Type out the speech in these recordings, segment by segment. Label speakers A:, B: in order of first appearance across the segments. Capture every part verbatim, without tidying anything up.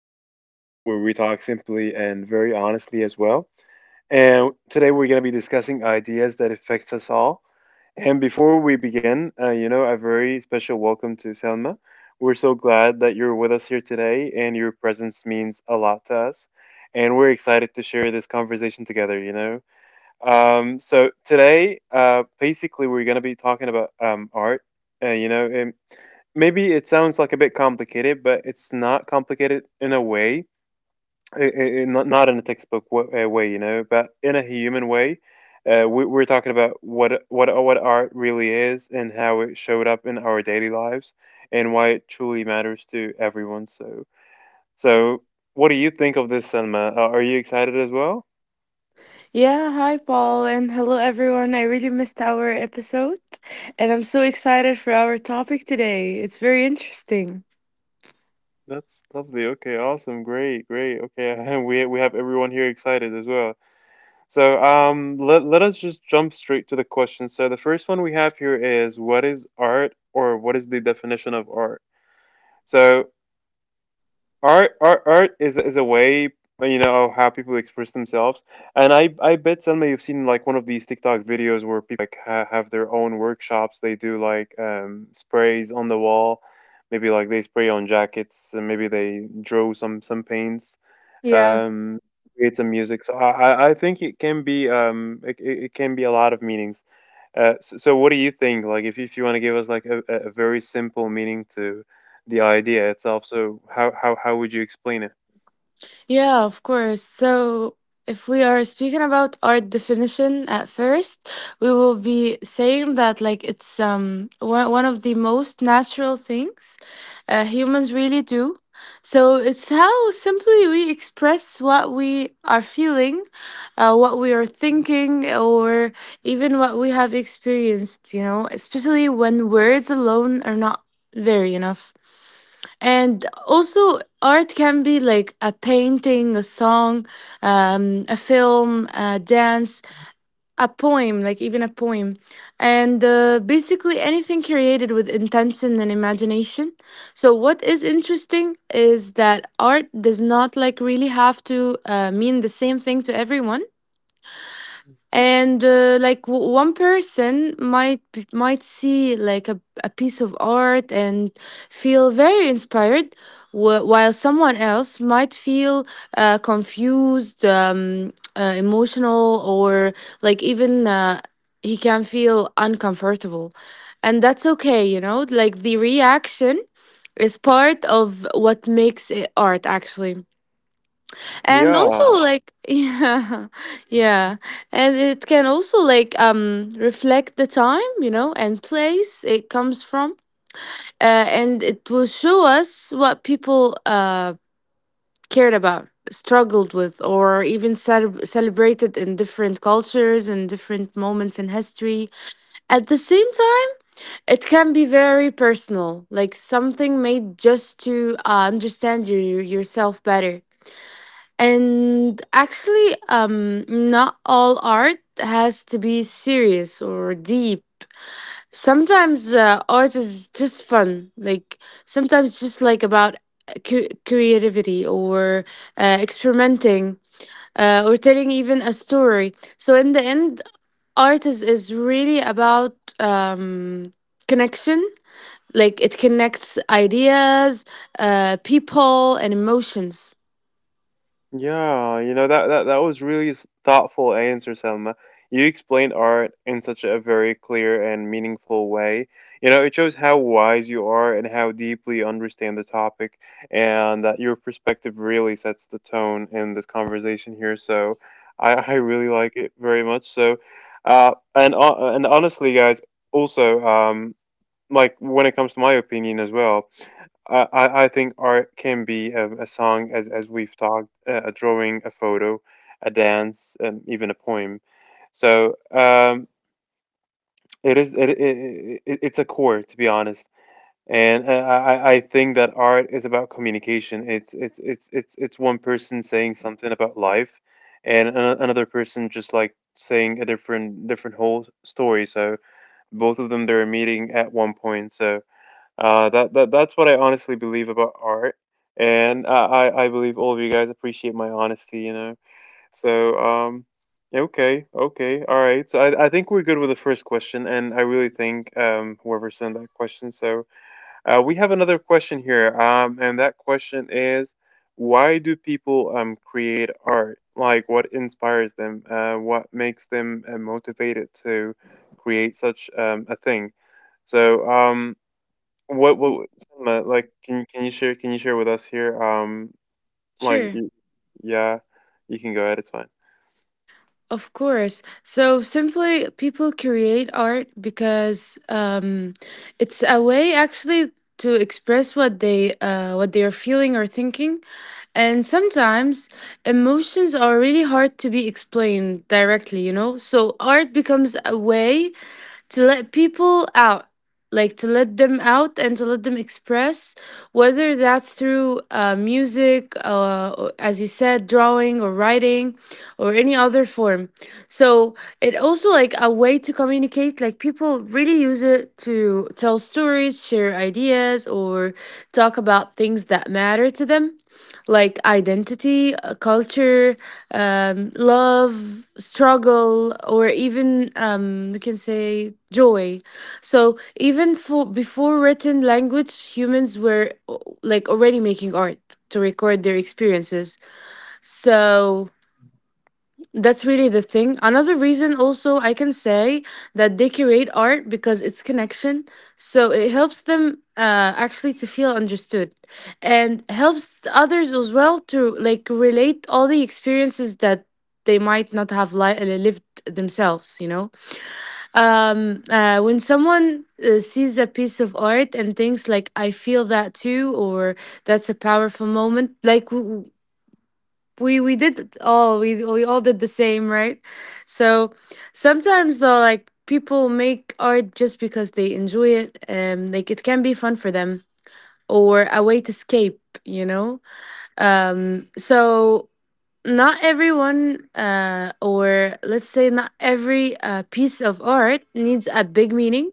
A: this is a space where we talk simply and very honestly as well. And today we're going to be discussing ideas that affects us all. And before we begin, uh, you know, a very special welcome to Selma. We're so glad that you're with us here today, and your presence means a lot to us. And we're excited to share this conversation together, you know. Um, so today, uh, basically, we're gonna be talking about um, art. Uh, you know, and maybe it sounds like a bit complicated, but it's not complicated in a way, i i i- not not in a textbook wa- uh, way, you know, but in a human way. Uh, we, we're talking about what what what art really is and how it showed up in our daily lives and why it truly matters to everyone. So, so what do you think of this, Selma? Are are you excited as well?
B: Yeah, hi Paul, and hello everyone. I really missed our episode, and I'm so excited for our topic today. It's very interesting.
A: That's lovely. Okay, awesome. Great, great. Okay, and we we have everyone here excited as well. So, um, let let us just jump straight to the question. So, the first one we have here is, what is art, or what is the definition of art? So, art art art is is a way, you know of how people express themselves, and i i bet some you have seen like one of these tiktok videos where people like ha- have their own workshops. They do like um sprays on the wall, maybe like they spray on jackets, and maybe they draw some some paints,
B: Yeah.
A: um create some music. So i i I think it can be um it, it it can be a lot of meanings. Uh, so, so what do you think? Like, if, if you want to give us like a, a a very simple meaning to the idea itself, so how, how, how would you explain it?
B: Yeah, of course. So, if we are speaking about art definition at first, we will be saying that like it's um one one of the most natural things uh, humans really do. So it's how simply we express what we are feeling, uh, what we are thinking, or even what we have experienced. You know, especially when words alone are not very enough. And also art can be like a painting, a song, um, a film, a dance, a poem, like even a poem, and uh, basically anything created with intention and imagination. So what is interesting is that art does not like really have to uh, mean the same thing to everyone. And uh, like w- one person might b- might see like a, a piece of art and feel very inspired, wh- while someone else might feel uh, confused, um, uh, emotional, or like even uh, he can feel uncomfortable. And that's okay, you know, like the reaction is part of what makes it art actually. And
A: Yeah,
B: also, like, yeah. Yeah, and it can also like um reflect the time, you know, and place it comes from, uh, and it will show us what people uh cared about, struggled with, or even cele- celebrated in different cultures and different moments in history. At the same time, it can be very personal, like something made just to uh, understand you yourself better. And actually, um, not all art has to be serious or deep. Sometimes uh, art is just fun, like sometimes just like about uh, cu- creativity or uh, experimenting, uh, or telling even a story. So in the end, art is, is really about um, connection. Like it connects ideas, uh, people, and emotions.
A: yeah, you know, that that that was really s- thoughtful answer, Selma. You explained art in such a very clear and meaningful way. You know, it shows how wise you are and how deeply you understand the topic, and that your perspective really sets the tone in this conversation here. So, I I really like it very much. So, uh, and uh, and honestly, guys, also, um, like when it comes to my opinion as well. I, I I think art can be a, a song, as as we've talked, uh, a drawing, a photo, a dance, and even a poem. So, um, it is it, it, it it's a core, to be honest. And, uh, I I I think that art is about communication. It's it's it's it's it's one person saying something about life, and ano- another person just like saying a different different whole story. So both of them they're meeting at one point. So uh, that that that's what I honestly believe about art, and I I I believe all of you guys appreciate my honesty, you know. So, um, okay, okay, all right. So I I think we're good with the first question, and I really thank um whoever sent that question. So, uh, we have another question here, um, and that question is, why do people um create art? Like, what inspires them? Uh, what makes them uh, motivated to create such um a thing? So um. What what cinema, like can can you share can you share with us here? Um, like
B: Sure.
A: y- yeah, you can go ahead, it's fine.
B: Of course. So simply, people create art because um, it's a way actually to express what they uh, what they are feeling or thinking, and sometimes emotions are really hard to be explained directly, you know? So art becomes a way to let people out, like to let them out and to let them express, whether that's through uh, music, uh, or as you said, drawing or writing or any other form. So it also like a way to communicate, like people really use it to tell stories, share ideas, or talk about things that matter to them, like identity, uh, culture, um, love, struggle, or even um, we can say joy. So even for before written language, humans were o- like already making art to record their experiences. So that's really the thing. Another reason, also, I can say that they curate art because it's connection. So it helps them uh, actually to feel understood, and helps others as well to like relate all the experiences that they might not have li- uh, lived themselves, you know? Um, uh, when someone uh, sees a piece of art and thinks, like, I feel that too, or that's a powerful moment, like, w- we we did it all, we we all did the same, right? So sometimes, though, like people make art just because they enjoy it. um like it can be fun for them, or a way to escape, you know. Um so not everyone uh or let's say not every uh, piece of art needs a big meaning.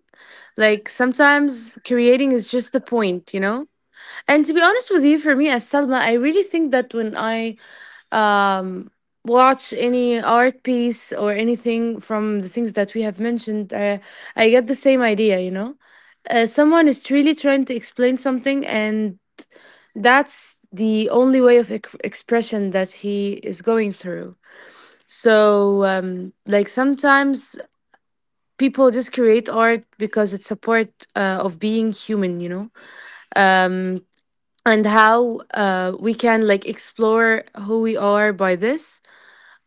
B: Like sometimes creating is just the point, you know. And to be honest with you, for me as Salma, I really think that when I um, watch any art piece or anything from the things that we have mentioned, uh, I get the same idea, you know? Uh, someone is really trying to explain something, and that's the only way of ec- expression that he is going through. So, um, like, sometimes people just create art because it's a part uh, of being human, you know? Um, and how uh, we can like explore who we are by this,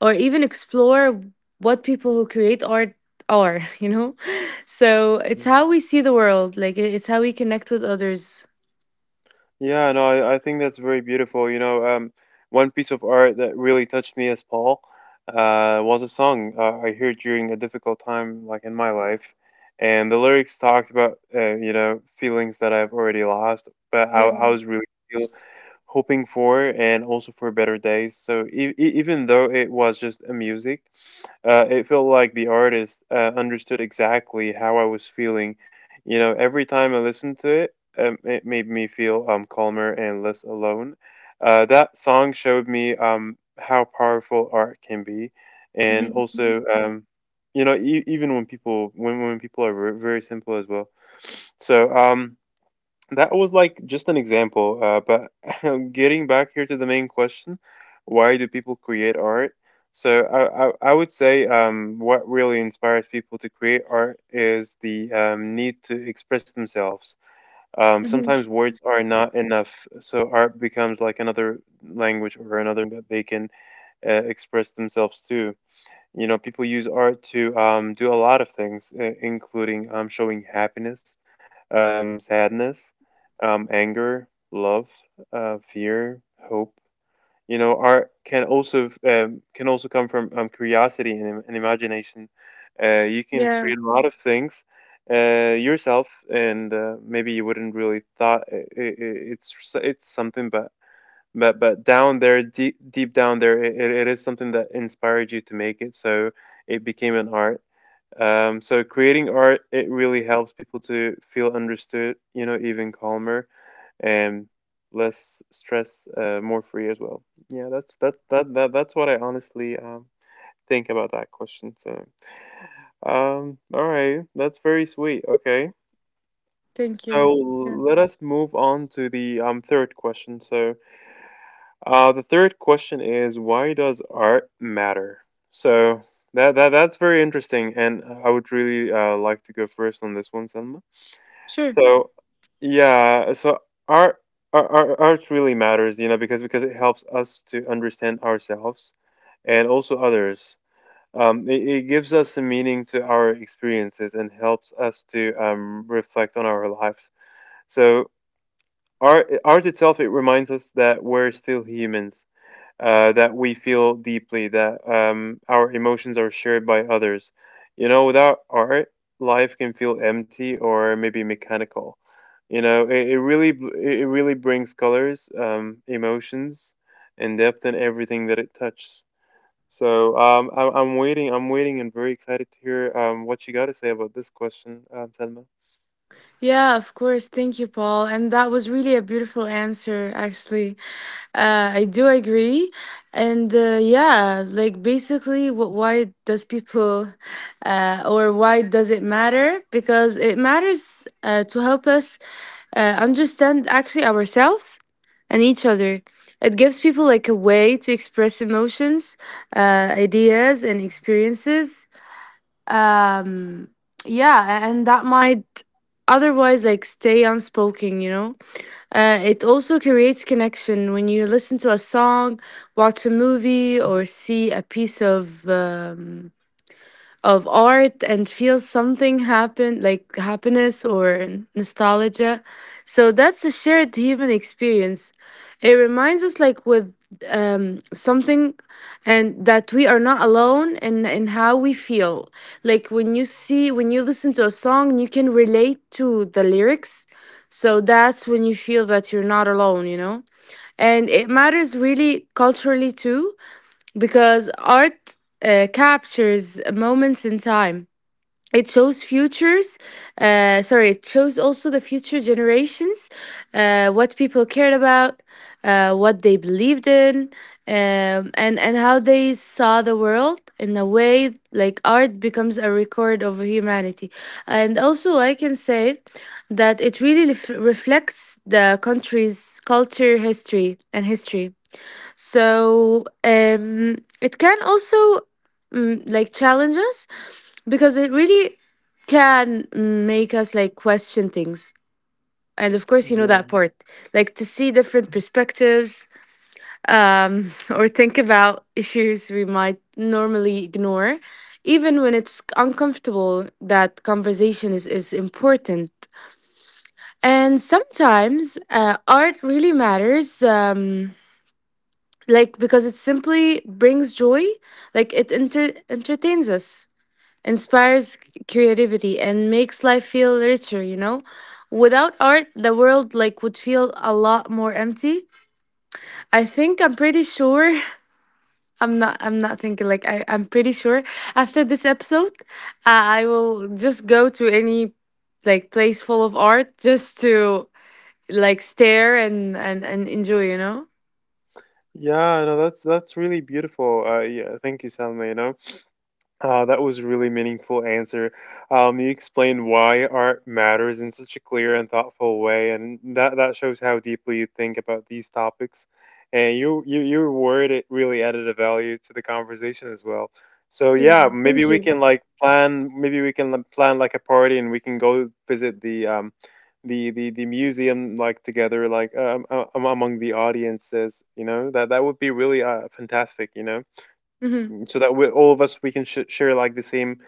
B: or even explore what people who create art are, you know? So it's
A: Yeah,
B: how we see the world, like it- it's how we connect with others.
A: yeah, no, I, I think that's very beautiful. You know, um, one piece of art that really touched me as Paul, uh, was a song uh, I heard during a difficult time, like in my life, and the lyrics talked about, uh, you know feelings that I've already lost, but I, I
B: Yeah.
A: was really feel, hoping for, and also for better days. So e- e- even though it was just a music. Uh, it felt like the artist uh, understood exactly how I was feeling. You know, every time I listened to it, um, it made me feel um, calmer and less alone. Uh, that song showed me um, how powerful art can be, and
B: Mhm.
A: also, um, you know, e- even when people, when when people are ver- very simple as well. So, um, that was like just an example, uh, but getting back here to the main question, why do people create art? So I, I, I would say, um, what really inspires people to create art is the, um, need to express themselves. Um,
B: Mhm.
A: sometimes words are not enough, so art becomes like another language or another medium that they can uh, express themselves to. You know, people use art to um, do a lot of things, uh, including um, showing happiness, um, sadness, um, anger, love, uh, fear, hope. You know, art can also um, can also come from um, curiosity and, and imagination. Uh, you can create a lot of things, uh, yourself, and uh, maybe you wouldn't really thought I it's it's something, but but but down there, deep deep down there, it, it is something that inspired you to make it. So it became an art. Um, so creating art, it really helps people to feel understood, you know, even calmer, and less stress, uh, more free as well. Yeah, that's that that, that that's what I honestly, um, think about that question. So, um, all right, that's very sweet. Okay,
B: Thank
A: so
B: you. Yeah.
A: let us move on to the um third question. So, uh, the third question is, why does art matter? So that, that that's very interesting, and I would really uh, like to go first on this one, Selma.
B: Sure.
A: So yeah, so art, art art art really matters, you know, because because it helps us to understand ourselves and also others. Um, it, it gives us a meaning to our experiences and helps us to um, reflect on our lives. So art art itself, it reminds us that we're still humans, uh, that we feel deeply, that um, our emotions are shared by others. You know, without art, life can feel empty or maybe mechanical. You know, it, it really it it really brings colors, um, emotions, and depth in everything that it touches. So, um, I'm, I'm waiting. I'm waiting, and very excited to hear, um, what you got to say about this question, um, Selma.
B: Yeah, of course. Thank you, Paul. And that was really a beautiful answer, actually. Uh, I do agree. And uh, yeah, like basically, wh- why does people uh, or why does it matter? Because it matters uh, to help us uh, understand actually ourselves and each other. It gives people like a way to express emotions, uh, ideas, and experiences, um yeah, and that might otherwise like stay unspoken, you know. uh, it also creates connection. When you listen to a song, watch a movie, or see a piece of um, of art and feel something happen, like happiness or nostalgia, so that's a shared human experience. It reminds us like with um something, and that we are not alone in in how we feel. Like when you see, when you listen to a song, you can relate to the lyrics, so that's when you feel that you're not alone, you know. And it matters really culturally too, because art uh, captures moments in time. It shows futures, uh, sorry, it shows also the future generations, uh, what people cared about, uh, what they believed in, um, and, and how they saw the world. In a way, like, art becomes a record of humanity. And also, I can say that it really ref- reflects the country's culture, history, and history. So um, it can also mm, like challenge us, because it really can make us like question things. And of course, you know
A: Yeah.
B: that part, like to see different perspectives, um, or think about issues we might normally ignore. Even when it's uncomfortable, that conversation is, is important. And sometimes uh, art really matters. Um, like because it simply brings joy, like it enter- entertains us, inspires creativity, and makes life feel richer, you know. Without art, the world like would feel a lot more empty. I think I'm pretty sure, i'm not i'm not thinking, like, I, I'm pretty sure after this episode uh, I will just go to any like place full of art just to like stare and and, and enjoy, you know.
A: Yeah, no, that's that's really beautiful. Uh, yeah, thank you, Salma. You know, Uh, that was a really meaningful answer. Um, you explained why art matters in such a clear and thoughtful way, and that that shows how deeply you think about these topics. And you you your word it really added a value to the conversation as well. So
B: Yeah,
A: yeah, maybe
B: thank
A: we
B: you.
A: can like plan. Maybe we can like plan like a party, and we can go visit the um the the the museum like together, like um, uh, among the audiences. You know, that that would be really uh fantastic. You know,
B: Hmm.
A: so that we, all of us, we can sh- share like the same,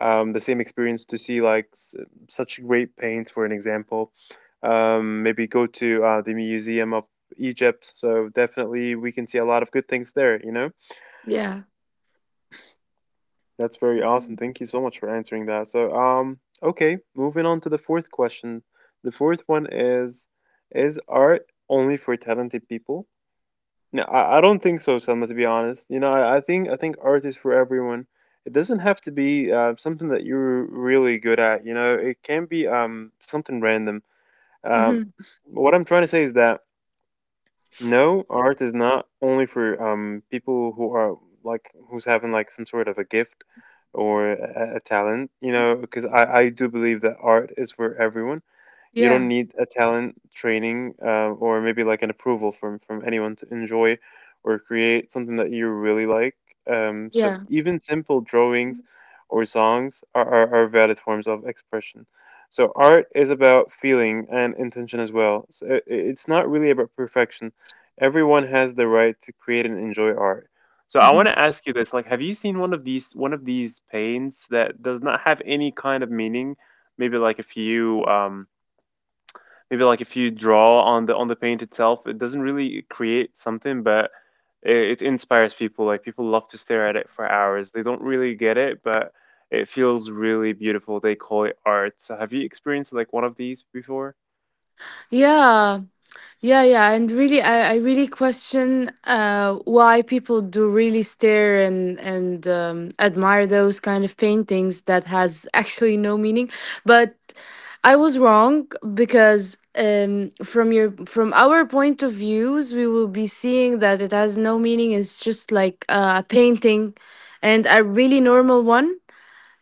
A: um, the same experience to see like s- such great paints, for an example. Um, maybe go to, uh, the museum of Egypt. So definitely we can see a lot of good things there, you know.
B: Yeah.
A: That's very awesome. Thank you so much for answering that. So, um okay, moving on to the fourth question. The fourth one is is art only for talented people? No, I, I don't think so, Selma. To be honest, you know, I, I think I think art is for everyone. It doesn't have to be uh, something that you're really good at. You know, it can be um something random. Um,
B: Hmm.
A: what I'm trying to say is that no, art is not only for um people who are like who's having like some sort of a gift or a, a a talent. You know, because I I do believe that art is for everyone. You don't
B: Yeah.
A: need a talent training, uh, or maybe like an approval from from anyone to enjoy or create something that you really like. Um, so
B: Yeah.
A: even simple drawings or songs are, are, are valid forms of expression. So art is about feeling and intention as well. So i- i- it's not really about perfection. Everyone has the right to create and enjoy art. So I want
B: Hmm.
A: to ask you this: like, have you seen one of these one of these paints that does not have any kind of meaning? Maybe like a few. Um, maybe like if you draw on the on the paint itself, it doesn't really create something, but it, it inspires people. Like people love to stare at it for hours. They don't really get it, but it feels really beautiful. They call it art. So have you experienced like one of these before?
B: Yeah. Yeah, yeah, and really, I, I really question uh, why people do really stare and and um, admire those kind of paintings that has actually no meaning. But I was wrong, because um, from your, from our point of views, we will be seeing that it has no meaning. It's just like uh, a painting, and a really normal one,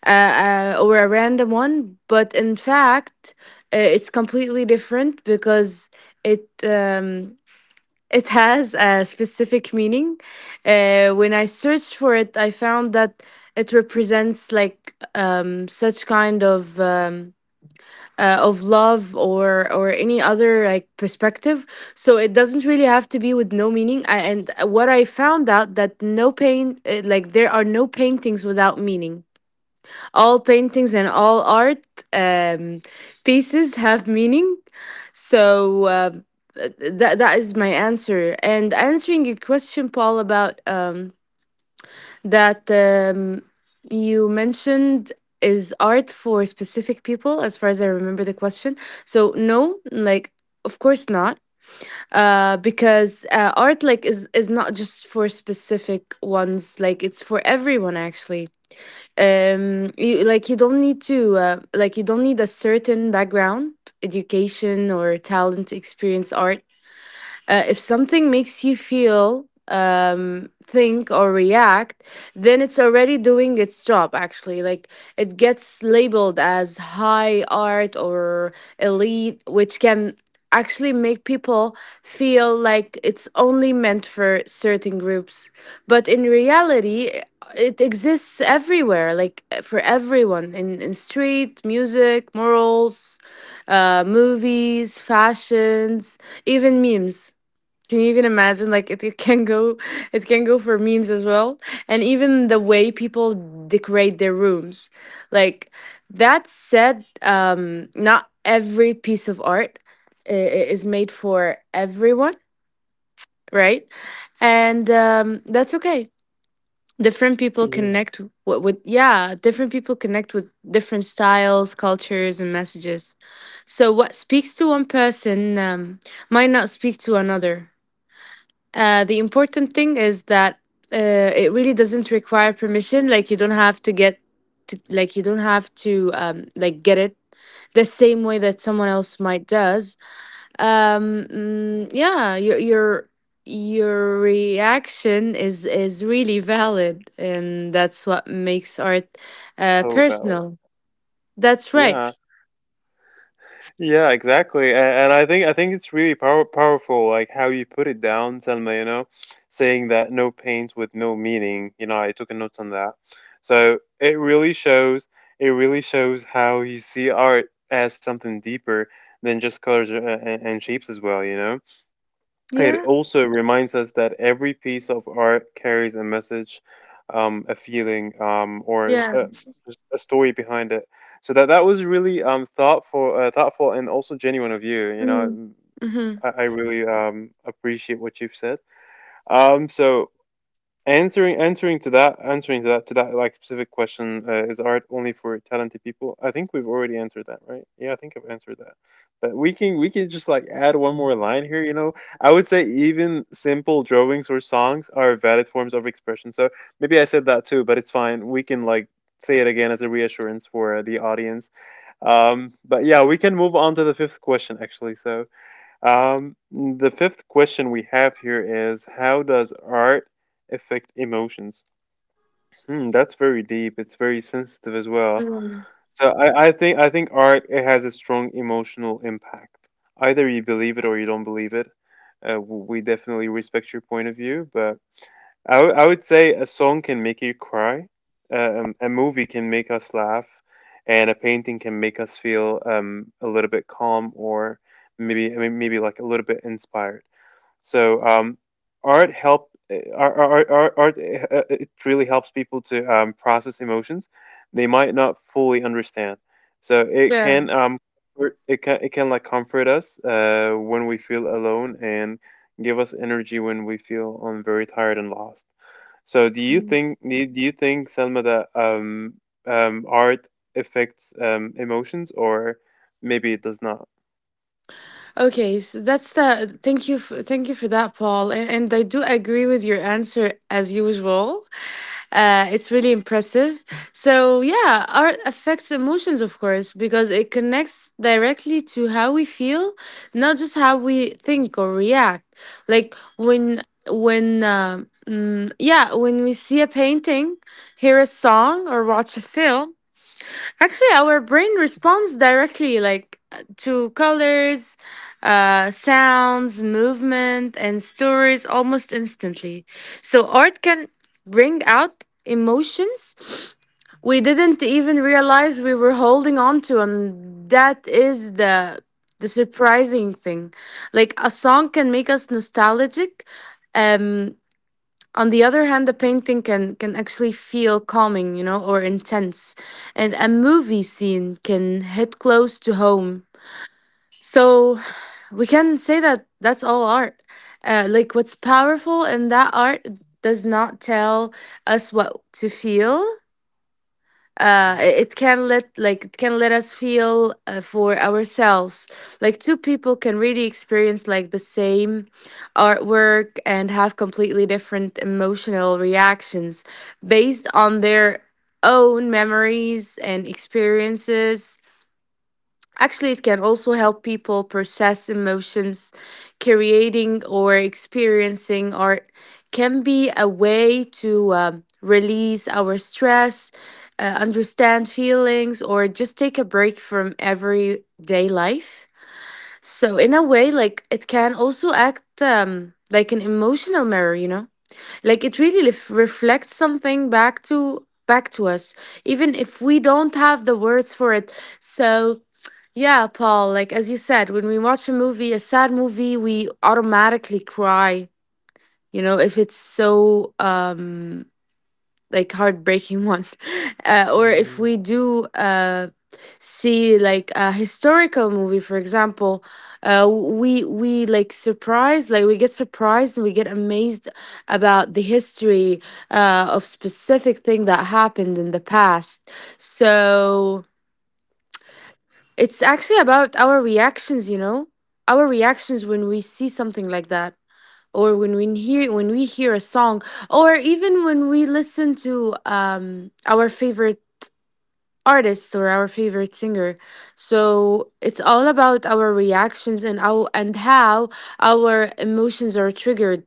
B: uh, uh, or a random one, but in fact, uh, it's completely different because it um, it has a specific meaning. Uh, when I searched for it, I found that it represents like um, such kind of. Um, uh, of love, or or any other like perspective. So it doesn't really have to be with no meaning. I, and what I found out, that no pain uh, like there are no paintings without meaning. All paintings and all art um, pieces have meaning. So uh, that that is my answer. And answering your question, Paul, about um, that um, you mentioned, is art for specific people, as far as I remember the question. So no, like of course not. uh because uh, art like is is not just for specific ones, like it's for everyone actually. um you, like you don't need to uh, like you don't need a certain background, education, or talent to experience art. uh, if something makes you feel, um, think, or react, then it's already doing its job, actually. Like it gets labeled as high art or elite, which can actually make people feel like it's only meant for certain groups. But in reality, it exists everywhere, like for everyone, in in street, music, morals, uh, movies, fashions, even memes. Can you even imagine? Like it, it can go, it can go for memes as well, and even the way people decorate their rooms. Like, that said, um, not every piece of art i- i- is made for everyone, right? And um, that's okay. Different people
A: Yeah,
B: connect with, with yeah, different people connect with different styles, cultures, and messages. So what speaks to one person um, might not speak to another. Uh, the important thing is that uh, it really doesn't require permission. Like you don't have to get, to, like you don't have to um, like get it the same way that someone else might does. Um, mm, yeah, your your your reaction is is really valid, and that's what makes art uh,
A: so valid.
B: personal. That's right.
A: Yeah. Yeah, exactly. And, and I think I think it's really power, powerful, like how you put it down, Selma, you know, saying that no paint with no meaning. You know, I took a note on that. So it really shows it really shows how you see art as something deeper than just colors uh, and, and shapes as well, you know. It
B: Yeah.
A: also reminds us that every piece of art carries a message, um, a feeling, um, or
B: Yeah.
A: a, a story behind it. So that that was really um, thoughtful, uh, thoughtful, and also genuine of you. You
B: Mm.
A: know,
B: Mm-hmm.
A: I, I really um, appreciate what you've said. Um, so answering answering to that answering to that to that like specific question uh, is art only for talented people? I think we've already answered that, right? Yeah, I think I've answered that, but we can we can just like add one more line here, you know. I would say even simple drawings or songs are valid forms of expression. So maybe I said that too, but it's fine, we can like say it again as a reassurance for uh, the audience. um but yeah, we can move on to the fifth question actually. So um, the fifth question we have here is, how does art affect emotions? Hmm, that's very deep. It's very sensitive as well.
B: Mm.
A: So I, I think I think art, it has a strong emotional impact. Either you believe it or you don't believe it. Uh, w- we definitely respect your point of view, but I w- I would say a song can make you cry. Uh, um, a movie can make us laugh, and a painting can make us feel um, a little bit calm, or maybe I mean, maybe like a little bit inspired. So um, art help uh, art art, art, art uh, It really helps people to um, process emotions they might not fully understand. So it
B: Yeah.
A: can um comfort- it can it can like comfort us uh, when we feel alone, and give us energy when we feel um, very tired and lost. So do you think do you do you think Selma that um um art affects um emotions, or maybe it does not?
B: Okay, so that's the thank you f- thank you for that, Paul. And, and I do agree with your answer as usual. Uh, it's really impressive. So yeah, art affects emotions, of course, because it connects directly to how we feel, not just how we think or react. Like when when um, mm, yeah, when we see a painting, hear a song, or watch a film. Actually, our brain responds directly, like uh, to colors, uh, sounds, movement, and stories almost instantly. So art can bring out emotions we didn't even realize we were holding on to, and that is the the surprising thing. Like a song can make us nostalgic, um, on the other hand, the painting can can actually feel calming, you know or intense, and a movie scene can hit close to home. So we can say that that's all art, uh, like what's powerful in that art does not tell us what to feel. uh
A: Mhm.
B: it can let like it can let us feel, uh, for ourselves, like two people can really experience like the same artwork and have completely different emotional reactions based on their own memories and experiences. Actually, it can also help people process emotions. Creating or experiencing art can be a way to um, release our stress, uh, understand feelings, or just take a break from everyday life. So, in a way, like it can also act, um, like an emotional mirror, you know? Like it really lef- reflects something back to back to us, even if we don't have the words for it. So yeah, Paul, like as you said, when we watch a movie, a sad movie, we automatically cry, you know, if it's so um like heartbreaking one. Uh, or if we do uh see like a historical movie, for example, uh we we like surprised, like we get surprised and we get amazed about the history uh of specific thing that happened in the past. So it's actually about our reactions, you know? Our reactions when we see something like that, or when we hear when we hear a song, or even when we listen to um our favorite artist or our favorite singer. So it's all about our reactions and how and how our emotions are triggered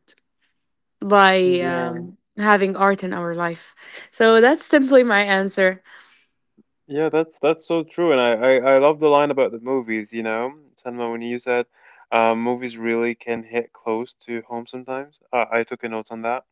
B: by
A: Mm.
B: um having art in our life. So that's simply my answer.
A: Yeah, that's that's so true, and I, I I love the line about the movies. You know, Sanma, when you said um, movies really can hit close to home sometimes. Uh, I took a note on that.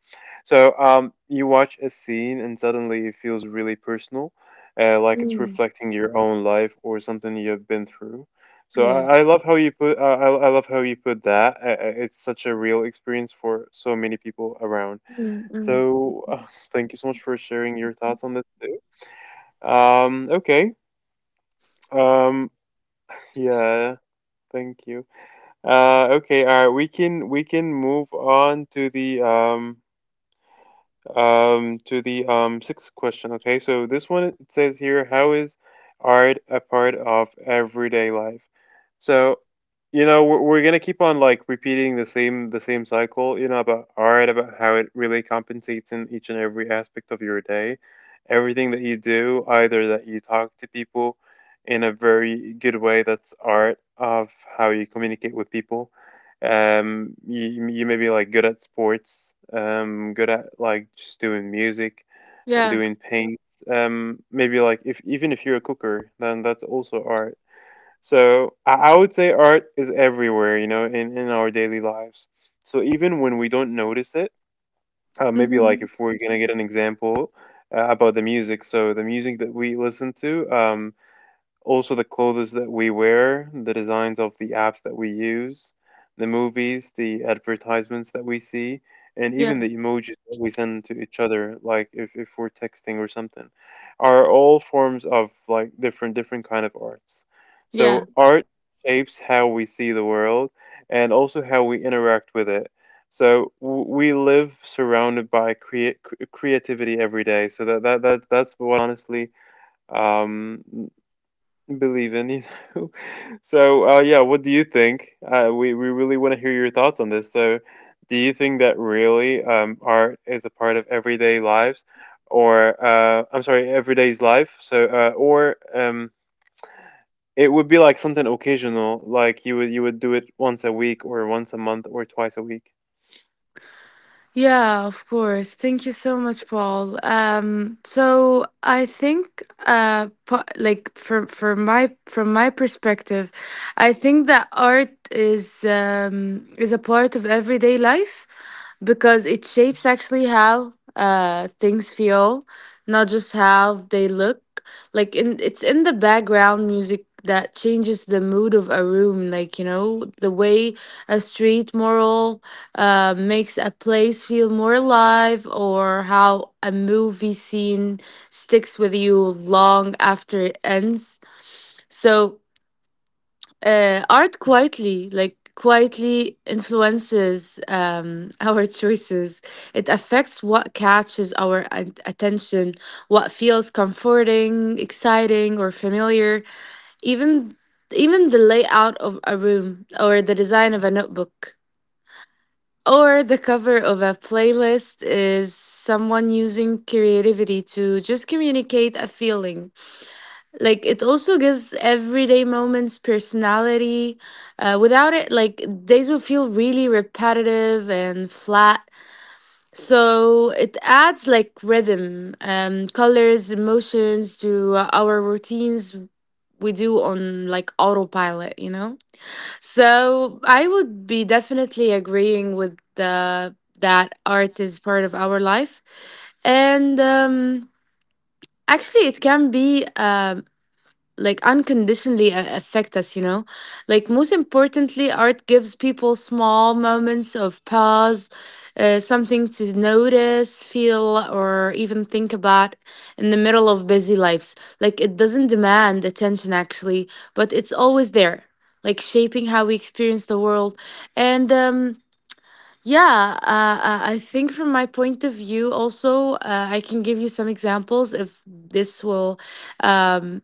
A: So um, you watch a scene, and suddenly it feels really personal, uh, like it's
B: Mm,
A: reflecting your own life or something you've been through. So
B: yeah.
A: I, I love how you put uh, I I love how you put that. Uh, uh, It's such a real experience for so many people around.
B: Mm, mm.
A: So uh, thank you so much for sharing your thoughts on this too. Um, okay. Um, yeah, thank you. Uh, okay, all right, we can we can move on to the um um, to the um sixth question. Okay, so this one it says here, how is art a part of everyday life? So, you know, we're, we're gonna keep on like repeating the same the same cycle, you know, about art, about how it really compensates in each and every aspect of your day. Everything that you do, either that you talk to people in a very good way, that's art of how you communicate with people. um you, you may be like good at sports, um good at like just doing music and
B: Yeah.
A: doing paints. um maybe like if even if you're a cooker, then that's also art. So i, I would say art is everywhere, you know, in in our daily lives, so even when we don't notice it. Uh, maybe like
B: Mhm.
A: if we're gonna get an example, uh, about the music. So the music that we listen to, um also the clothes that we wear, the designs of the apps that we use, the movies, the advertisements that we see, and
B: Yeah.
A: even the emojis that we send to each other, like if, if we're texting or something, are all forms of like different different kind of arts.
B: Yeah.
A: So art shapes how we see the world, and also how we interact with it. So w- we live surrounded by crea- cre- creativity every day. So that, that, that that's what honestly um, Believe in you know. So, uh, yeah, what do you think? Uh, we we really want to hear your thoughts on this. So, do you think that really um, art is a part of everyday lives, or uh, I'm sorry, everyday's life? So, uh, or um, it would be like something occasional, like you would you would do it once a week, or once a month, or twice a week.
B: Yeah, of course. Thank you so much, Paul. Um, so I think, uh, po- like from from my from my perspective, I think that art is um, is a part of everyday life, because it shapes actually how uh things feel, not just how they look, like in, it's in the background music that changes the mood of a room, like, you know the way a street mural, uh, makes a place feel more alive, or how a movie scene sticks with you long after it ends. So, uh, art quietly, like quietly influences, um, our choices. It affects what catches our at- attention, what feels comforting, exciting, or familiar. Even even the layout of a room, or the design of a notebook, or the cover of a playlist is someone using creativity to just communicate a feeling. Like it also gives everyday moments personality. Uh, without it, like days will feel really repetitive and flat. So it adds like rhythm, um colors, emotions to our routines we do on like autopilot, you know so i would be definitely agreeing with the that art is part of our life. And um actually, it can be, um like unconditionally a- affect us, you know like most importantly, art gives people small moments of pause, uh, something to notice, feel, or even think about in the middle of busy lives. Like it doesn't demand attention actually, but it's always there, like shaping how we experience the world. And um yeah, uh, uh, I think from my point of view, also, uh, I can give you some examples if this will, um,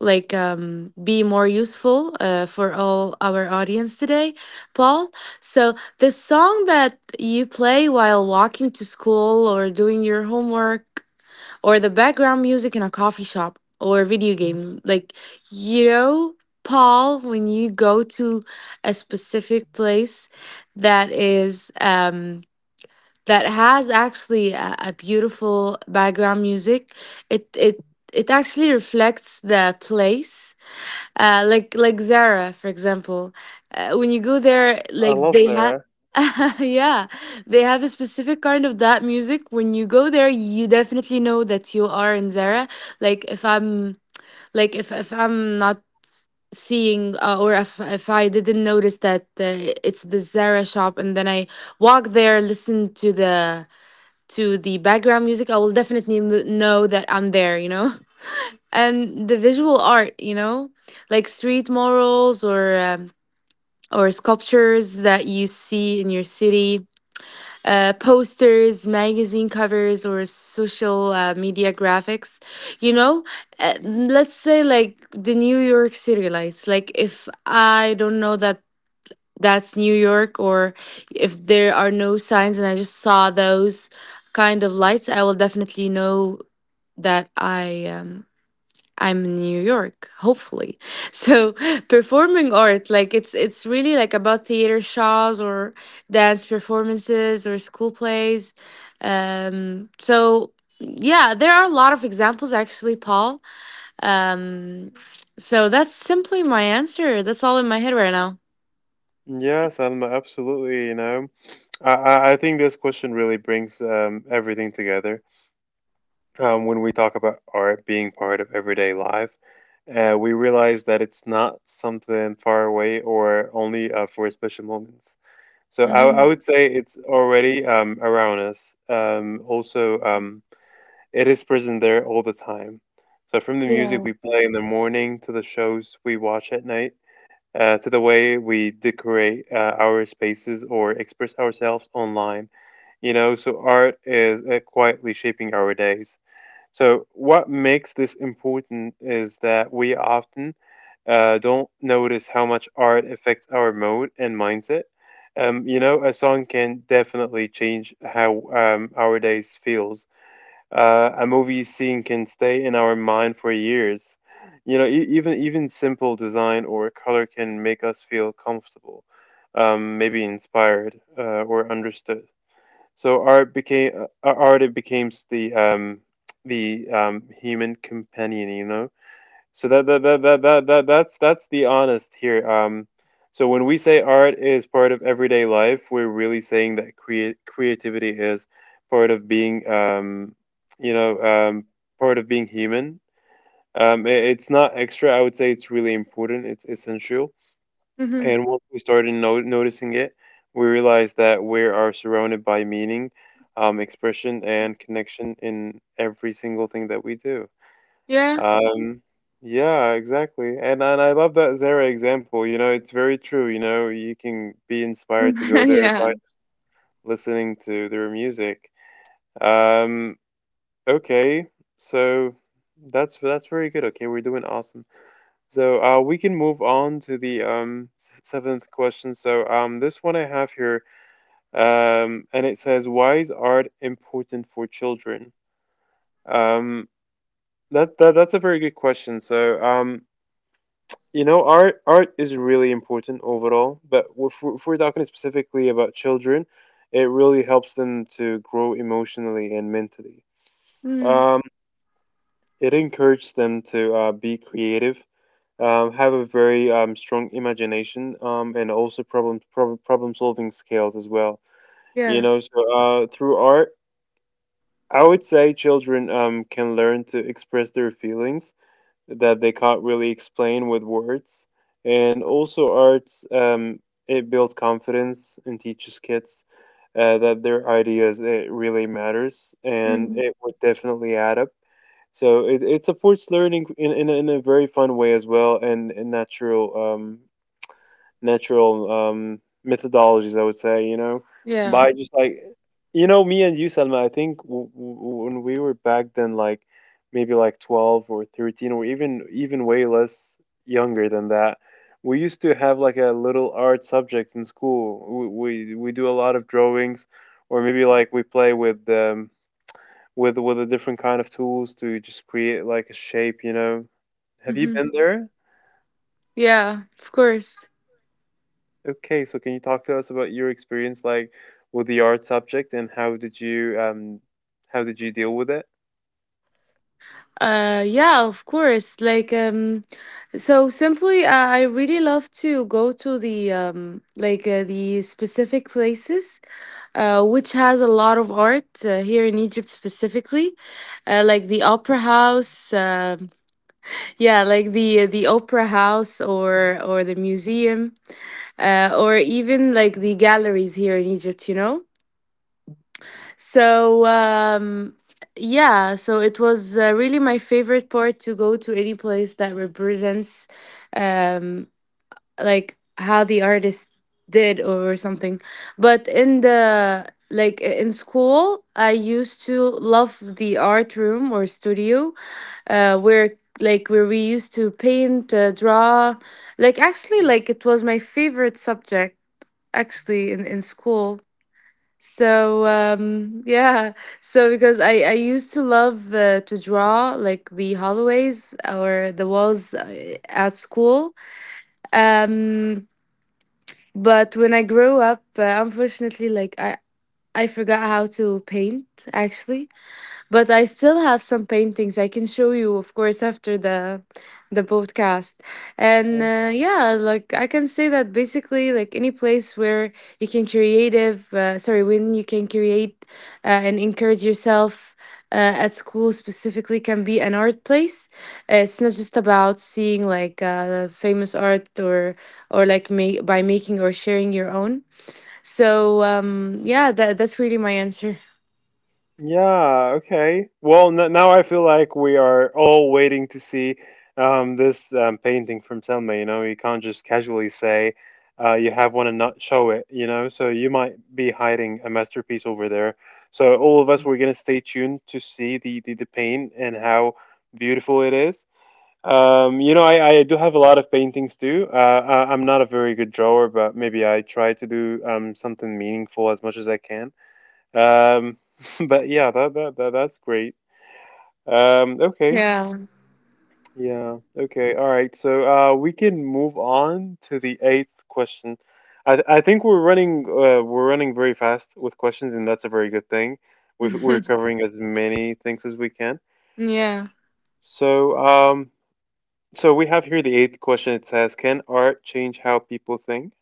B: like um, be more useful, uh, for all our audience today, Paul. So the song that you play while walking to school or doing your homework, or the background music in a coffee shop or video game, like, you know, Paul, when you go to a specific place, that is um, that has actually a, a beautiful background music, it it it actually reflects the place, uh, like like Zara, for example. Uh, when you go there,
A: I
B: like
A: love
B: they have,
A: Zara.
B: yeah, they have a specific kind of that music. When you go there, you definitely know that you are in Zara. Like if I'm, like if if I'm not seeing, uh, or if if I didn't notice that, uh, it's the Zara shop, and then I walk there, listen to the to the background music, I will definitely kn- know that I'm there. You know. And the visual art, you know, like street murals, or um, or sculptures that you see in your city, uh, posters, magazine covers, or social, uh, media graphics. You know, uh, let's say like the New York City lights. Like, if I don't know that that's New York, or if there are no signs and I just saw those kind of lights, I will definitely know that I um, I'm in New York, hopefully. So performing art, like it's it's really like about theater shows, or dance performances, or school plays. Um, so yeah, there are a lot of examples actually, Paul. Um, so that's simply my answer. That's all in my head right now.
A: Yeah, Salma, absolutely. You know, I I I think this question really brings um, everything together. Um, when we talk about art being part of everyday life, uh, we realize that it's not something far away or only uh, for special moments. So I, I
B: Hmm.
A: would say it's already um, around us. Um, also, um, it is present there all the time. So from the music
B: Yeah.
A: we play in the morning to the shows we watch at night, uh, to the way we decorate uh, our spaces or express ourselves online, you know, so art is uh, quietly shaping our days. So what makes this important is that we often uh, don't notice how much art affects our mood and mindset. Um, you know, a song can definitely change how um, our days feels. Uh, a movie scene can stay in our mind for years. You know, e- even even simple design or color can make us feel comfortable, um, maybe inspired, uh, or understood. So art became uh, uh, art, it becomes the um the um human companion, you know. So that that that that that, that that's that's the honest here. Um so when we say art is part of everyday life, we're really saying that create creativity is part of being um you know um part of being human. Um, i- it's not extra, I would say it's really important, it's essential.
B: Hmm.
A: And once we started no noticing it, we realized that we are surrounded by meaning, um, expression, and connection in every single thing that we do.
B: Yeah.
A: Um, yeah, exactly. And and I love that Zara example. You know, it's very true. You know, you can be inspired to go there
B: Yeah.
A: by listening to their music. Um, okay, so that's that's very good. Okay, we're doing awesome. So uh, we can move on to the um, s- seventh question. So um, this one I have here, um, and it says, "Why is art important for children?" Um, that, that that's a very good question. So um, you know, art art is really important overall, but if we're, if we're talking specifically about children, it really helps them to grow emotionally and mentally.
B: Mm.
A: Um, it encourages them to uh, be creative, um, have a very um, strong imagination, um, and also problem problem problem solving skills as well. You
B: Yeah.
A: know, so uh, through art, I would say children um, can learn to express their feelings that they can't really explain with words, and also arts, um, it builds confidence and teaches kids uh, that their ideas, it really matters, and
B: Mm.
A: it would definitely add up. So it, it supports learning in, in, a- in a very fun way as well, and, and natural. Um, natural um, methodologies, I would say, you know,
B: Yeah.
A: by just like, you know, me and you, Salma, I think w- w- when we were back then, like maybe like 12 or 13 or even even way less younger than that, we used to have like a little art subject in school. We we, we do a lot of drawings, or maybe like we play with um, with with a different kind of tools to just create like a shape, you know. Have you
B: Hmm.
A: been there?
B: Yeah. Of course.
A: Okay, so can you talk to us about your experience like with the art subject, and how did you um how did you deal with it?
B: Uh, yeah, of course. Like, um, so simply, uh, I really love to go to the, um, like, uh, the specific places, uh, which has a lot of art, uh, here in Egypt specifically, uh, like the opera house. um yeah, like the the opera house, or or the museum, uh, or even like the galleries here in Egypt. You know. So, um yeah, so it was, uh, really my favorite part to go to any place that represents, um like how the artist did or something. But in the like in school, I used to love the art room or studio, uh where like where we used to paint, uh, draw. Like actually, like it was my favorite subject actually in in school. So, um yeah, so because I I used to love, uh, to draw like the hallways or the walls, uh, at school. Um but when I grew up, uh, unfortunately, like I I forgot how to paint actually, but I still have some paintings I can show you, of course, after the the podcast. And,
A: Oh,
B: uh, yeah, like I can say that basically, like any place where you can creative, uh, sorry, when you can create, uh, and encourage yourself. Uh, at school specifically can be an art place. It's not just about seeing like, uh, famous art, or or like ma- by making or sharing your own. So, um yeah, that, that's really my answer.
A: yeah, okay. Well, n now I feel like we are all waiting to see um, this um, painting from Selma. You know, you can't just casually say uh, you have one and not show it, you know? So you might be hiding a masterpiece over there. So all of us, we're going to stay tuned to see the, the, the paint and how beautiful it is. Um, you know, I, I do have a lot of paintings too. Uh, I, I'm not a very good drawer, but maybe I try to do um, something meaningful as much as I can. Um, but yeah, that, that, that that's great. Um, okay.
B: Yeah.
A: Yeah. Okay. All right. So uh, we can move on to the eighth question. I, th- I think we're running uh, we're running very fast with questions, and that's a very good thing. We've, we're covering as many things as we can.
B: Yeah.
A: So um, So we have here the eighth question. It says, "Can art change how people think?"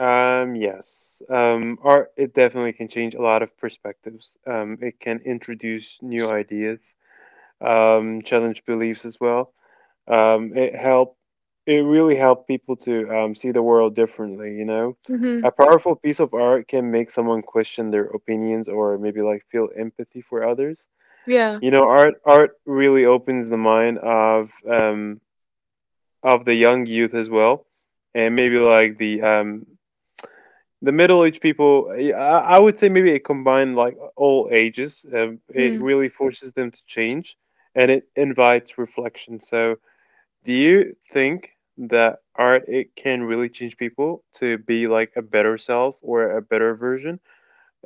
A: Um, yes. Um, art it definitely can change a lot of perspectives. Um, it can introduce new ideas, um, challenge beliefs as well. Um, it help it really helped people to um, see the world differently. You know,
B: Mm-hmm.
A: a powerful piece of art can make someone question their opinions or maybe like feel empathy for others.
B: Yeah.
A: You know, art art really opens the mind of um, of the young youth as well, and maybe like the um the middle aged people. I, I would say maybe it combined like all ages. Um, it
B: Mm.
A: really forces them to change, and it invites reflection. So, do you think that art it can really change people to be like a better self or a better version?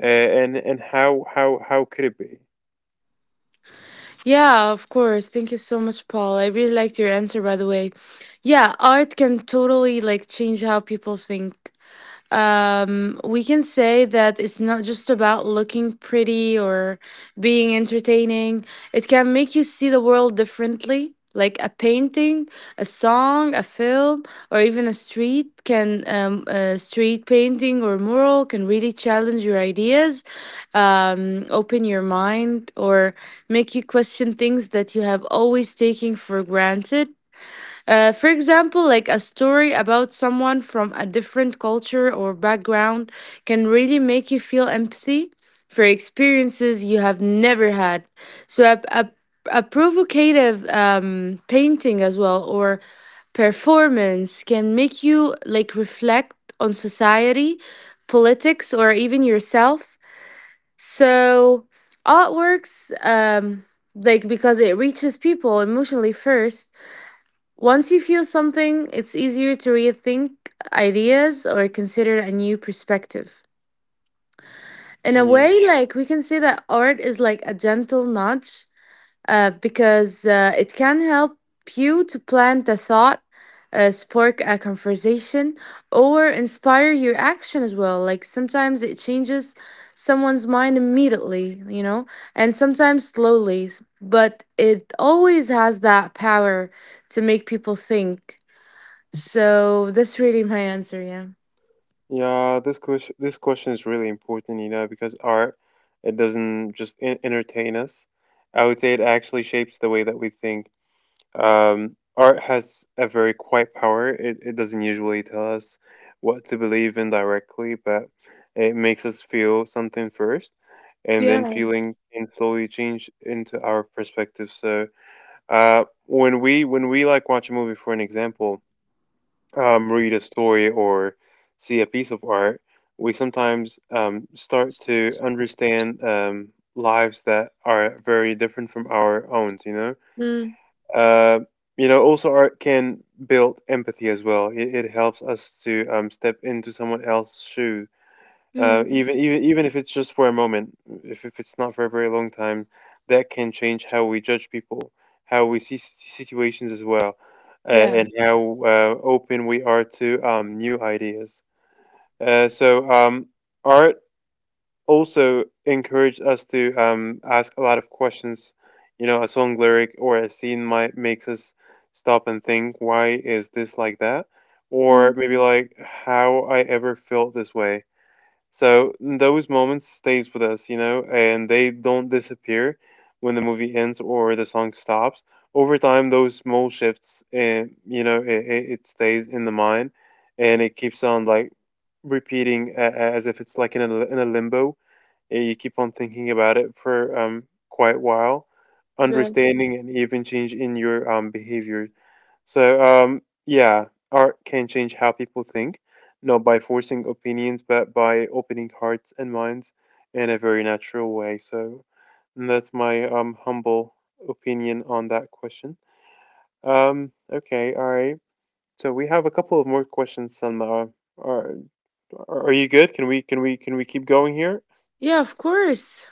A: Uh, and and how how how could it be?
B: Yeah, of course. Thank you so much, Paul. I really liked your answer, by the way. Yeah, art can totally like change how people think. Um, we can say that it's not just about looking pretty or being entertaining. It can make you see the world differently. Like a painting, a song, a film, or even a street can um, a street painting or mural can really challenge your ideas, um, open your mind, or make you question things that you have always taken for granted. Uh, for example, like a story about someone from a different culture or background can really make you feel empathy for experiences you have never had. So, a, a, a provocative, um, painting as well, or performance can make you like reflect on society, politics, or even yourself. So, artworks, um, like because it reaches people emotionally first, once you feel something, it's easier to rethink ideas or consider a new perspective. In a way, like we can say that art is like a gentle nudge, uh, because, uh, it can help you to plant a thought, uh, spark a conversation, or inspire your action as well. Like sometimes it changes someone's mind immediately, you know, and sometimes slowly, but it always has that power to make people think. So that's really my answer. Yeah.
A: Yeah, this question this question is really important, you know, because art it doesn't just en- entertain us. I would say it actually shapes the way that we think. Um, art has a very quiet power. It it doesn't usually tell us what to believe in directly, but it makes us feel something first, and then
B: Yeah.
A: feeling can slowly change into our perspective. So, uh, when we when we like watch a movie, for an example um, read a story or see a piece of art, we sometimes um, start to understand um, lives that are very different from our own, you know?
B: Mm,
A: Uh, you know, also art can build empathy as well. It, it helps us to um, step into someone else's shoe. Uh,
B: mm,
A: even even even if it's just for a moment, if if it's not for a very long time, that can change how we judge people, how we see s- situations as well, uh,
B: yeah.
A: and how uh, open we are to um, new ideas. Uh, so um, art also encouraged us to um, ask a lot of questions. You know, a song lyric or a scene might makes us stop and think, why is this like that? Or
B: Mm,
A: maybe like how I ever felt this way, so those moments stays with us, you know, and they don't disappear when the movie ends or the song stops. Over time, those small shifts, and you know, it, it it stays in the mind, and it keeps on like repeating a- a- as if it's like in a in a limbo. And you keep on thinking about it for um quite a while,
B: yeah.
A: understanding and even change in your um behaviors. So, um, yeah, art can change how people think, not by forcing opinions, but by opening hearts and minds in a very natural way. So, mm, that's my um, humble opinion on that question. Um, okay, all right. So we have a couple of more questions, Salma. Are, are are you good? Can we can we can we keep going here?
B: Yeah. Of course.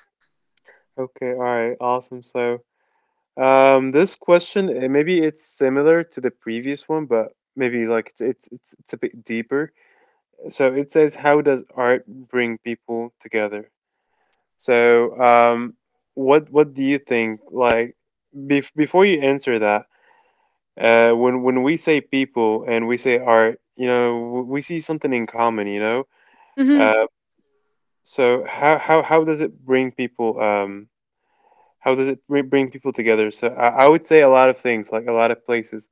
A: Okay, all right, awesome. So, um, this question eh, maybe it's similar to the previous one, but maybe like it's it's it's, it's a bit deeper. So it says, "How does art bring people together?" So, um, what what do you think? Like, bef- before you answer that, uh, when when we say people and we say art, you know, w- we see something in common, you know.
B: Hmm.
A: Uh, so how how how does it bring people? Um, how does it br- bring people together? So I, I would say a lot of things, like a lot of places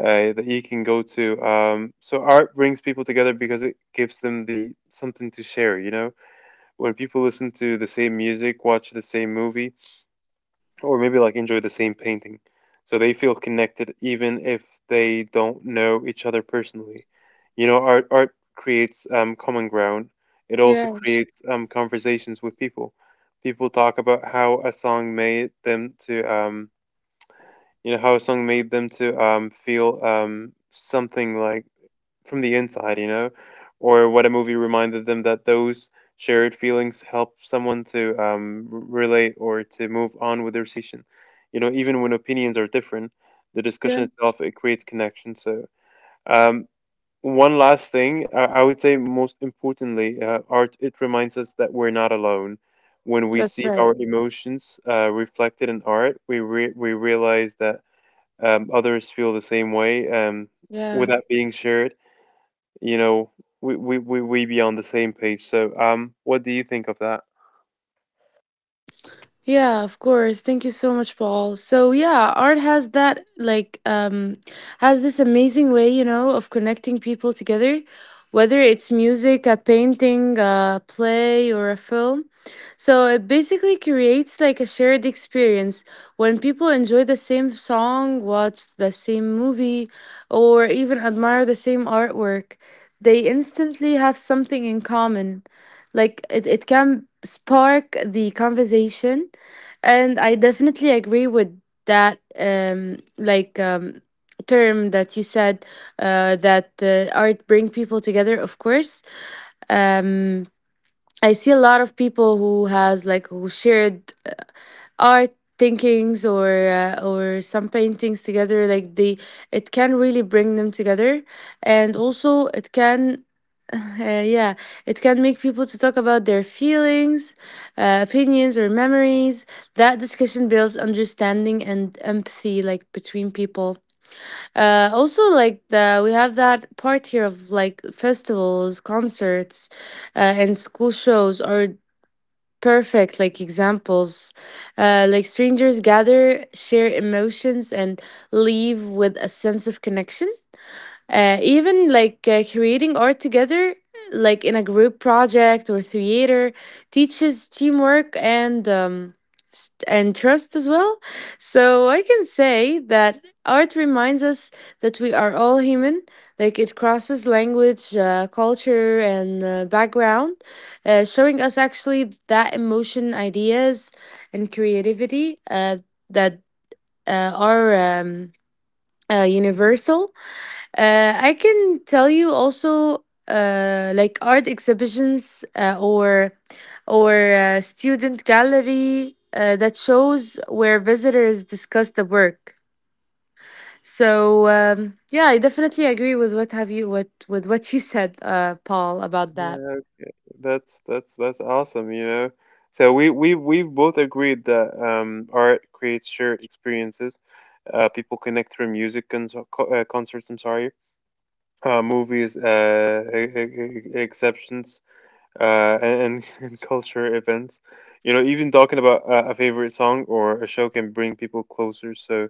A: uh, that you can go to. Um, so art brings people together because it gives them the something to share, you know, when people listen to the same music, watch the same movie, or maybe like enjoy the same painting. So they feel connected even if they don't know each other personally. You know, art art creates um, common ground. It also
B: Yeah.
A: creates um, conversations with people. People talk about how a song made them to, um, you know, how a song made them to um, feel um, something like from the inside, you know, or what a movie reminded them that those shared feelings help someone to um, r- relate or to move on with their situation. You know, even when opinions are different, the
B: Yeah.
A: discussion itself it creates connection. So, um, one last thing, I, I would say most importantly, uh, art it reminds us that we're not alone. When we
B: That's
A: see our
B: right.
A: emotions uh, reflected in art, we re- we realize that um, others feel the same way. Um,
B: Yeah.
A: without being shared, you know, we we we we be on the same page. So, um, what do you think of that?
B: Yeah, of course. Thank you so much, Paul. So yeah, art has that like um has this amazing way, you know, of connecting people together, whether it's music, a painting, a play, or a film. So it basically creates like a shared experience. When people enjoy the same song, watch the same movie, or even admire the same artwork, they instantly have something in common. Like it, it can spark the conversation, and I definitely agree with that, um, like, um, term that you said, uh, that, uh, art bring people together. Of course, um, I see a lot of people who has like who shared, uh, art thinkings, or uh, or some paintings together. Like they, it can really bring them together, and also it can uh, yeah, it can make people to talk about their feelings, uh, opinions, or memories. That discussion builds understanding and empathy, like between people. Uh, also, like the we have that part here of like festivals, concerts, uh, and school shows are perfect like examples. Uh, like strangers gather, share emotions, and leave with a sense of connection. Uh, even like, uh, creating art together, like in a group project or theater, teaches teamwork and um, st- and trust as well. So I can say that art reminds us that we are all human. Like it crosses language, uh, culture, and, uh, background, uh, showing us actually that emotion, ideas, and creativity, uh, that, uh, are, um, uh, universal. Uh, I can tell you also, uh, like art exhibitions, uh, or or uh, student gallery, uh, that shows where visitors discuss the work. So, um, yeah, I definitely agree with what have you what with what you said, uh, Paul, about that.
A: Yeah, okay. That's that's that's awesome, you know. So we we we've both agreed that um art creates shared experiences. Uh, people connect through music and uh, concerts, I'm sorry. Uh, movies, uh, e- e- e- exceptions, uh, and, and culture events. You know, even talking about uh, a favorite song or a show can bring people closer. So,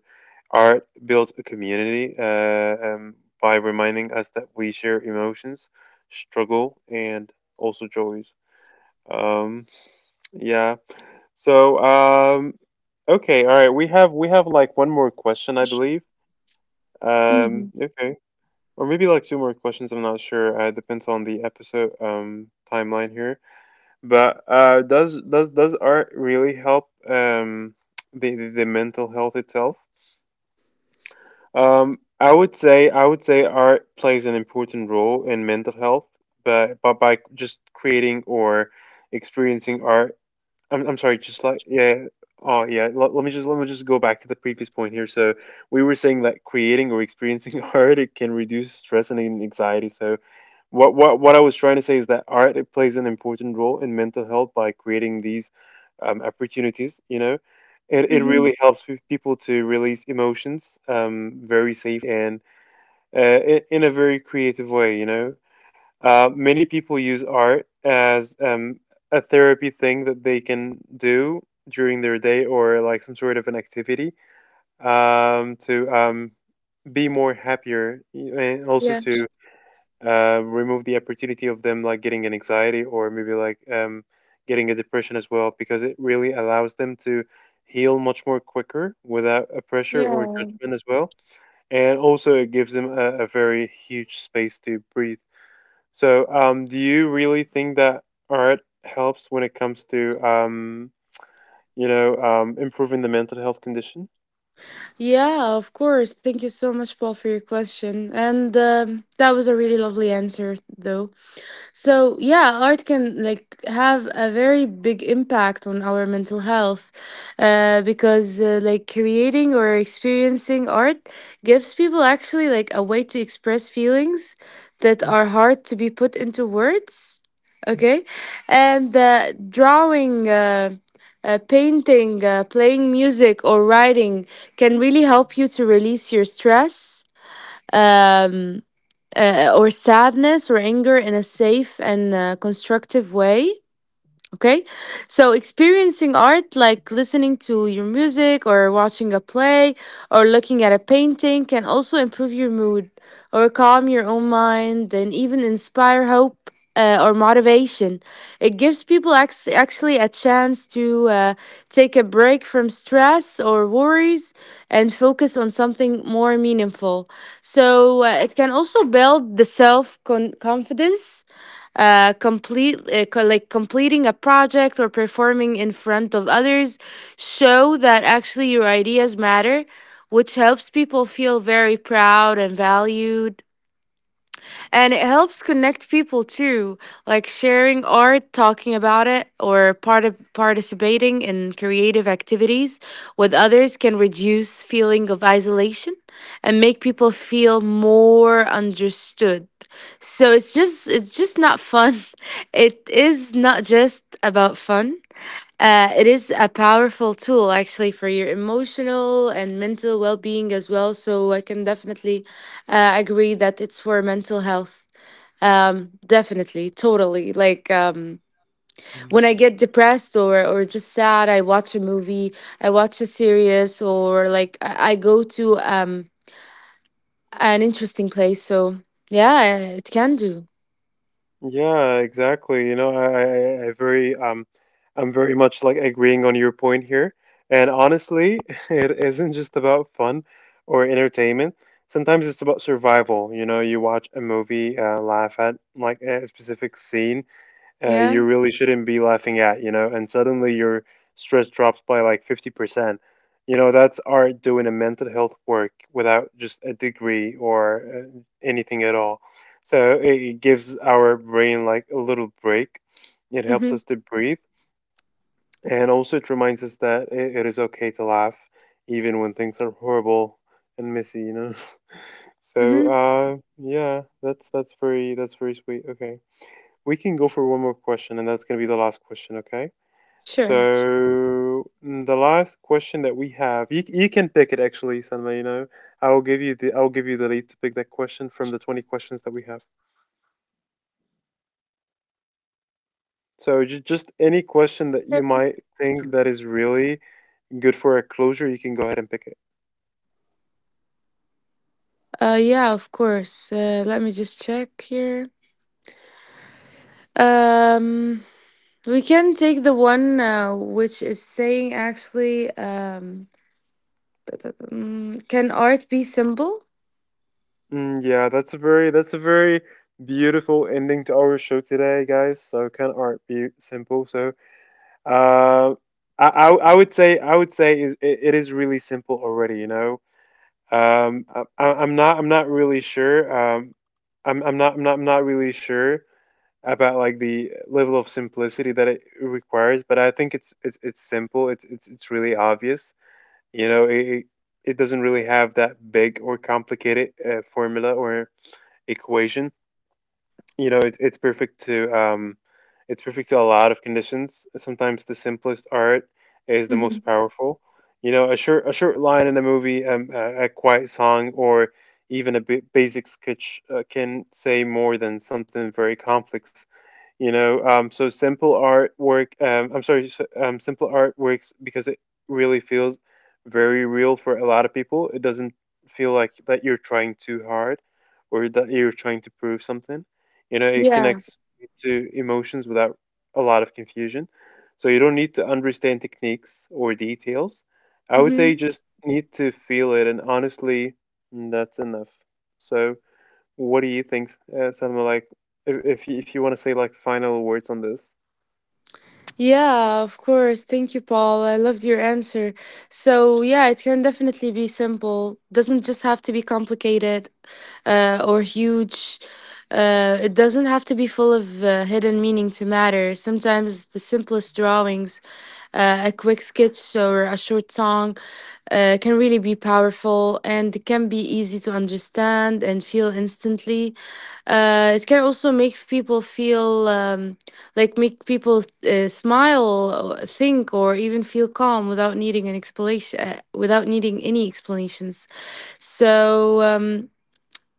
A: art builds a community uh, um, by reminding us that we share emotions, struggle, and also joys. Um, yeah. So, um, okay, all right. We have we have like one more question, I believe.
B: Hmm.
A: Um, okay. Or maybe like two more questions. I'm not sure. Uh, it depends on the episode um, timeline here. But uh, does does does art really help um, the, the the mental health itself? Um, I would say I would say art plays an important role in mental health, but but by just creating or experiencing art, I'm I'm sorry, just like yeah. Oh yeah, let, let me just let me just go back to the previous point here. So we were saying that creating or experiencing art it can reduce stress and anxiety. So what what what I was trying to say is that art it plays an important role in mental health by creating these um, opportunities. You know, it it
B: Hmm.
A: really helps pe- people to release emotions um, very safe and uh, I- in a very creative way. You know, uh, many people use art as um, a therapy thing that they can do during their day or like some sort of an activity um, to um, be more happier and also
B: Yeah.
A: to uh, remove the opportunity of them like getting an anxiety or maybe like um, getting a depression as well because it really allows them to heal much more quicker without a pressure or
B: Yeah.
A: judgment as well. And also it gives them a, a very huge space to breathe. So, um, do you really think that art helps when it comes to, um, you know, um, improving the mental health condition?
B: Yeah, of course. Thank you so much, Paul, for your question. And, um, that was a really lovely answer, though. So, yeah, art can like have a very big impact on our mental health, uh, because, uh, like creating or experiencing art gives people actually like a way to express feelings that are hard to be put into words. Okay. And, uh, drawing, uh, uh, painting, uh, playing music, or writing can really help you to release your stress. Um, uh, or sadness or anger, in a safe and, uh, constructive way. Okay. So experiencing art, like listening to your music or watching a play or looking at a painting, can also improve your mood or calm your own mind, and even inspire hope, uh, or motivation. It gives people, ac- actually a chance to, uh, take a break from stress or worries and focus on something more meaningful. So, uh, it can also build the self con- confidence. Uh, complete uh, co- like Completing a project or performing in front of others show that actually your ideas matter, which helps people feel very proud and valued, and it helps connect people too, like sharing art, talking about it, or part of participating in creative activities with others can reduce feeling of isolation and make people feel more understood. So it's just it's just not fun. It is not just about fun. Uh, it is a powerful tool actually for your emotional and mental well-being as well. So I can definitely, uh, agree that it's for mental health. Um, definitely, totally. Like, um,
A: Mhm.
B: when I get depressed, or or just sad, I watch a movie, I watch a series, or like I, I go to um an interesting place. So yeah, it can do.
A: Yeah, exactly. You know, I, I, I I very, um, I'm very much like agreeing on your point here. And honestly, it isn't just about fun or entertainment. Sometimes it's about survival. You know, you watch a movie, uh, laugh at like a specific scene, uh,
B: Yeah.
A: you really shouldn't be laughing at, you know, and suddenly your stress drops by like fifty percent. You know, that's art doing a mental health work without just a degree or uh, anything at all. So it it gives our brain like a little break. It helps
B: Mm-hmm.
A: us to breathe. And also, it reminds us that it, it is okay to laugh, even when things are horrible and messy, you know? So,
B: Mm-hmm.
A: uh, yeah, that's that's very that's very sweet. Okay. We can go for one more question, and that's going to be the last question, okay? So,
B: Sure.
A: mm, the last question that we have, you, you can pick it actually, Sanma, you know. I will give you the I'll give you the lead to pick that question from the twenty questions that we have. So, ju- just any question that you might think that is really good for a closure, you can go ahead and pick it.
C: Uh, yeah, of course. Uh, let me just check here. Um, we can take the one uh, which is saying actually, um, mm, can art be simple?
A: Mm, yeah, that's a very that's a very beautiful ending to our show today, guys. So, can art be simple? So, Uh, I, I I would say I would say is it, it is really simple already. You know, um, I, I- I'm not I'm not really sure. Um, I'm I'm not I'm not I'm not really sure about like the level of simplicity that it requires, but I think it's it's it's simple. It's it's it's really obvious. You know, it it it doesn't really have that big or complicated uh, formula or equation. You know, it, it's perfect to um, it's perfect to a lot of conditions. Sometimes the simplest art is the
C: Hmm.
A: most powerful. You know, a short a short line in a movie, um, a, a quiet song, or even a b- basic sketch uh, can say more than something very complex. You know, um, so simple artwork, um, I'm sorry, s- um, simple artworks, because it really feels very real for a lot of people. It doesn't feel like that you're trying too hard or that you're trying to prove something. You know, it
C: Yeah.
A: connects to emotions without a lot of confusion. So you don't need to understand techniques or details. I would say you just need to feel it, and honestly, that's enough. So what do you think, uh, Salma? Like, if if you, if you want to say like final words on this,
C: Yeah, of course. Thank you, Paul. I loved your answer. So, yeah, it can definitely be simple. Doesn't just have to be complicated uh, or huge. Uh, it doesn't have to be full of uh, hidden meaning to matter. Sometimes the simplest drawings, uh, a quick sketch or a short song, uh, can really be powerful, and it can be easy to understand and feel instantly. Uh, it can also make people feel. Um, like make people uh, smile, or think, or even feel calm without needing an explanation, uh, without needing any explanations. So um,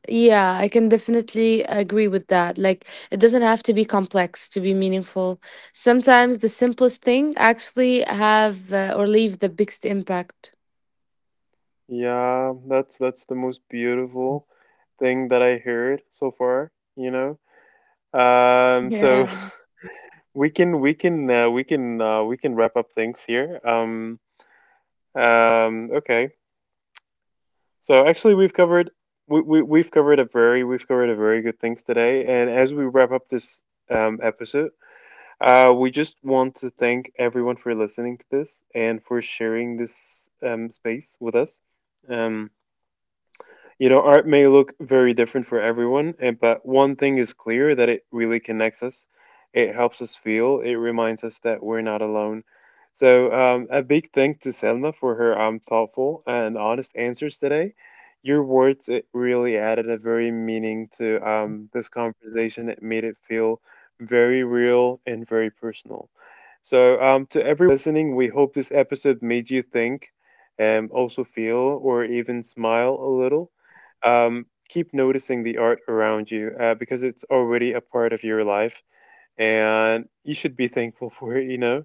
C: yeah, I can definitely agree with that. Like, it doesn't have to be complex to be meaningful. Sometimes the simplest thing actually have uh, or leave the biggest impact.
A: yeah, that's that's the most beautiful thing that I heard so far. You know, um, so
C: Yeah.
A: we can we can uh, we can uh, we can wrap up things here. Um, um, okay, so actually we've covered we, we we've covered a very we've covered a very good things today, and as we wrap up this um episode, Uh, we just want to thank everyone for listening to this and for sharing this um, space with us. Um, you know, art may look very different for everyone, eh, but one thing is clear that it really connects us. It helps us feel, it reminds us that we're not alone. So, um, a big thank to Selma for her um, thoughtful and honest answers today. Your words it really added a very meaning to um, this conversation. It made it feel very real and very personal. So, um, to everyone listening, we hope this episode made you think, um, also feel, or even smile a little. Um, keep noticing the art around you uh, because it's already a part of your life, and you should be thankful for it, you know?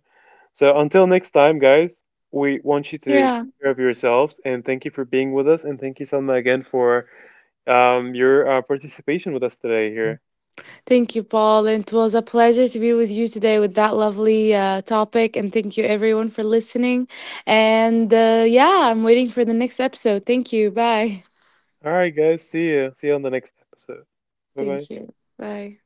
A: So until next time, guys, we want you to take
C: Yeah.
A: care of yourselves, and thank you for being with us. And thank you, Selma, again for um, your uh, participation with us today here.
C: Thank you, Paul. It was a pleasure to be with you today with that lovely uh, topic. And thank you, everyone, for listening. And uh, yeah, I'm waiting for the next episode. Thank you. Bye.
A: All right, guys, see you. See you on the next episode. Bye bye.
C: Thank you. Bye.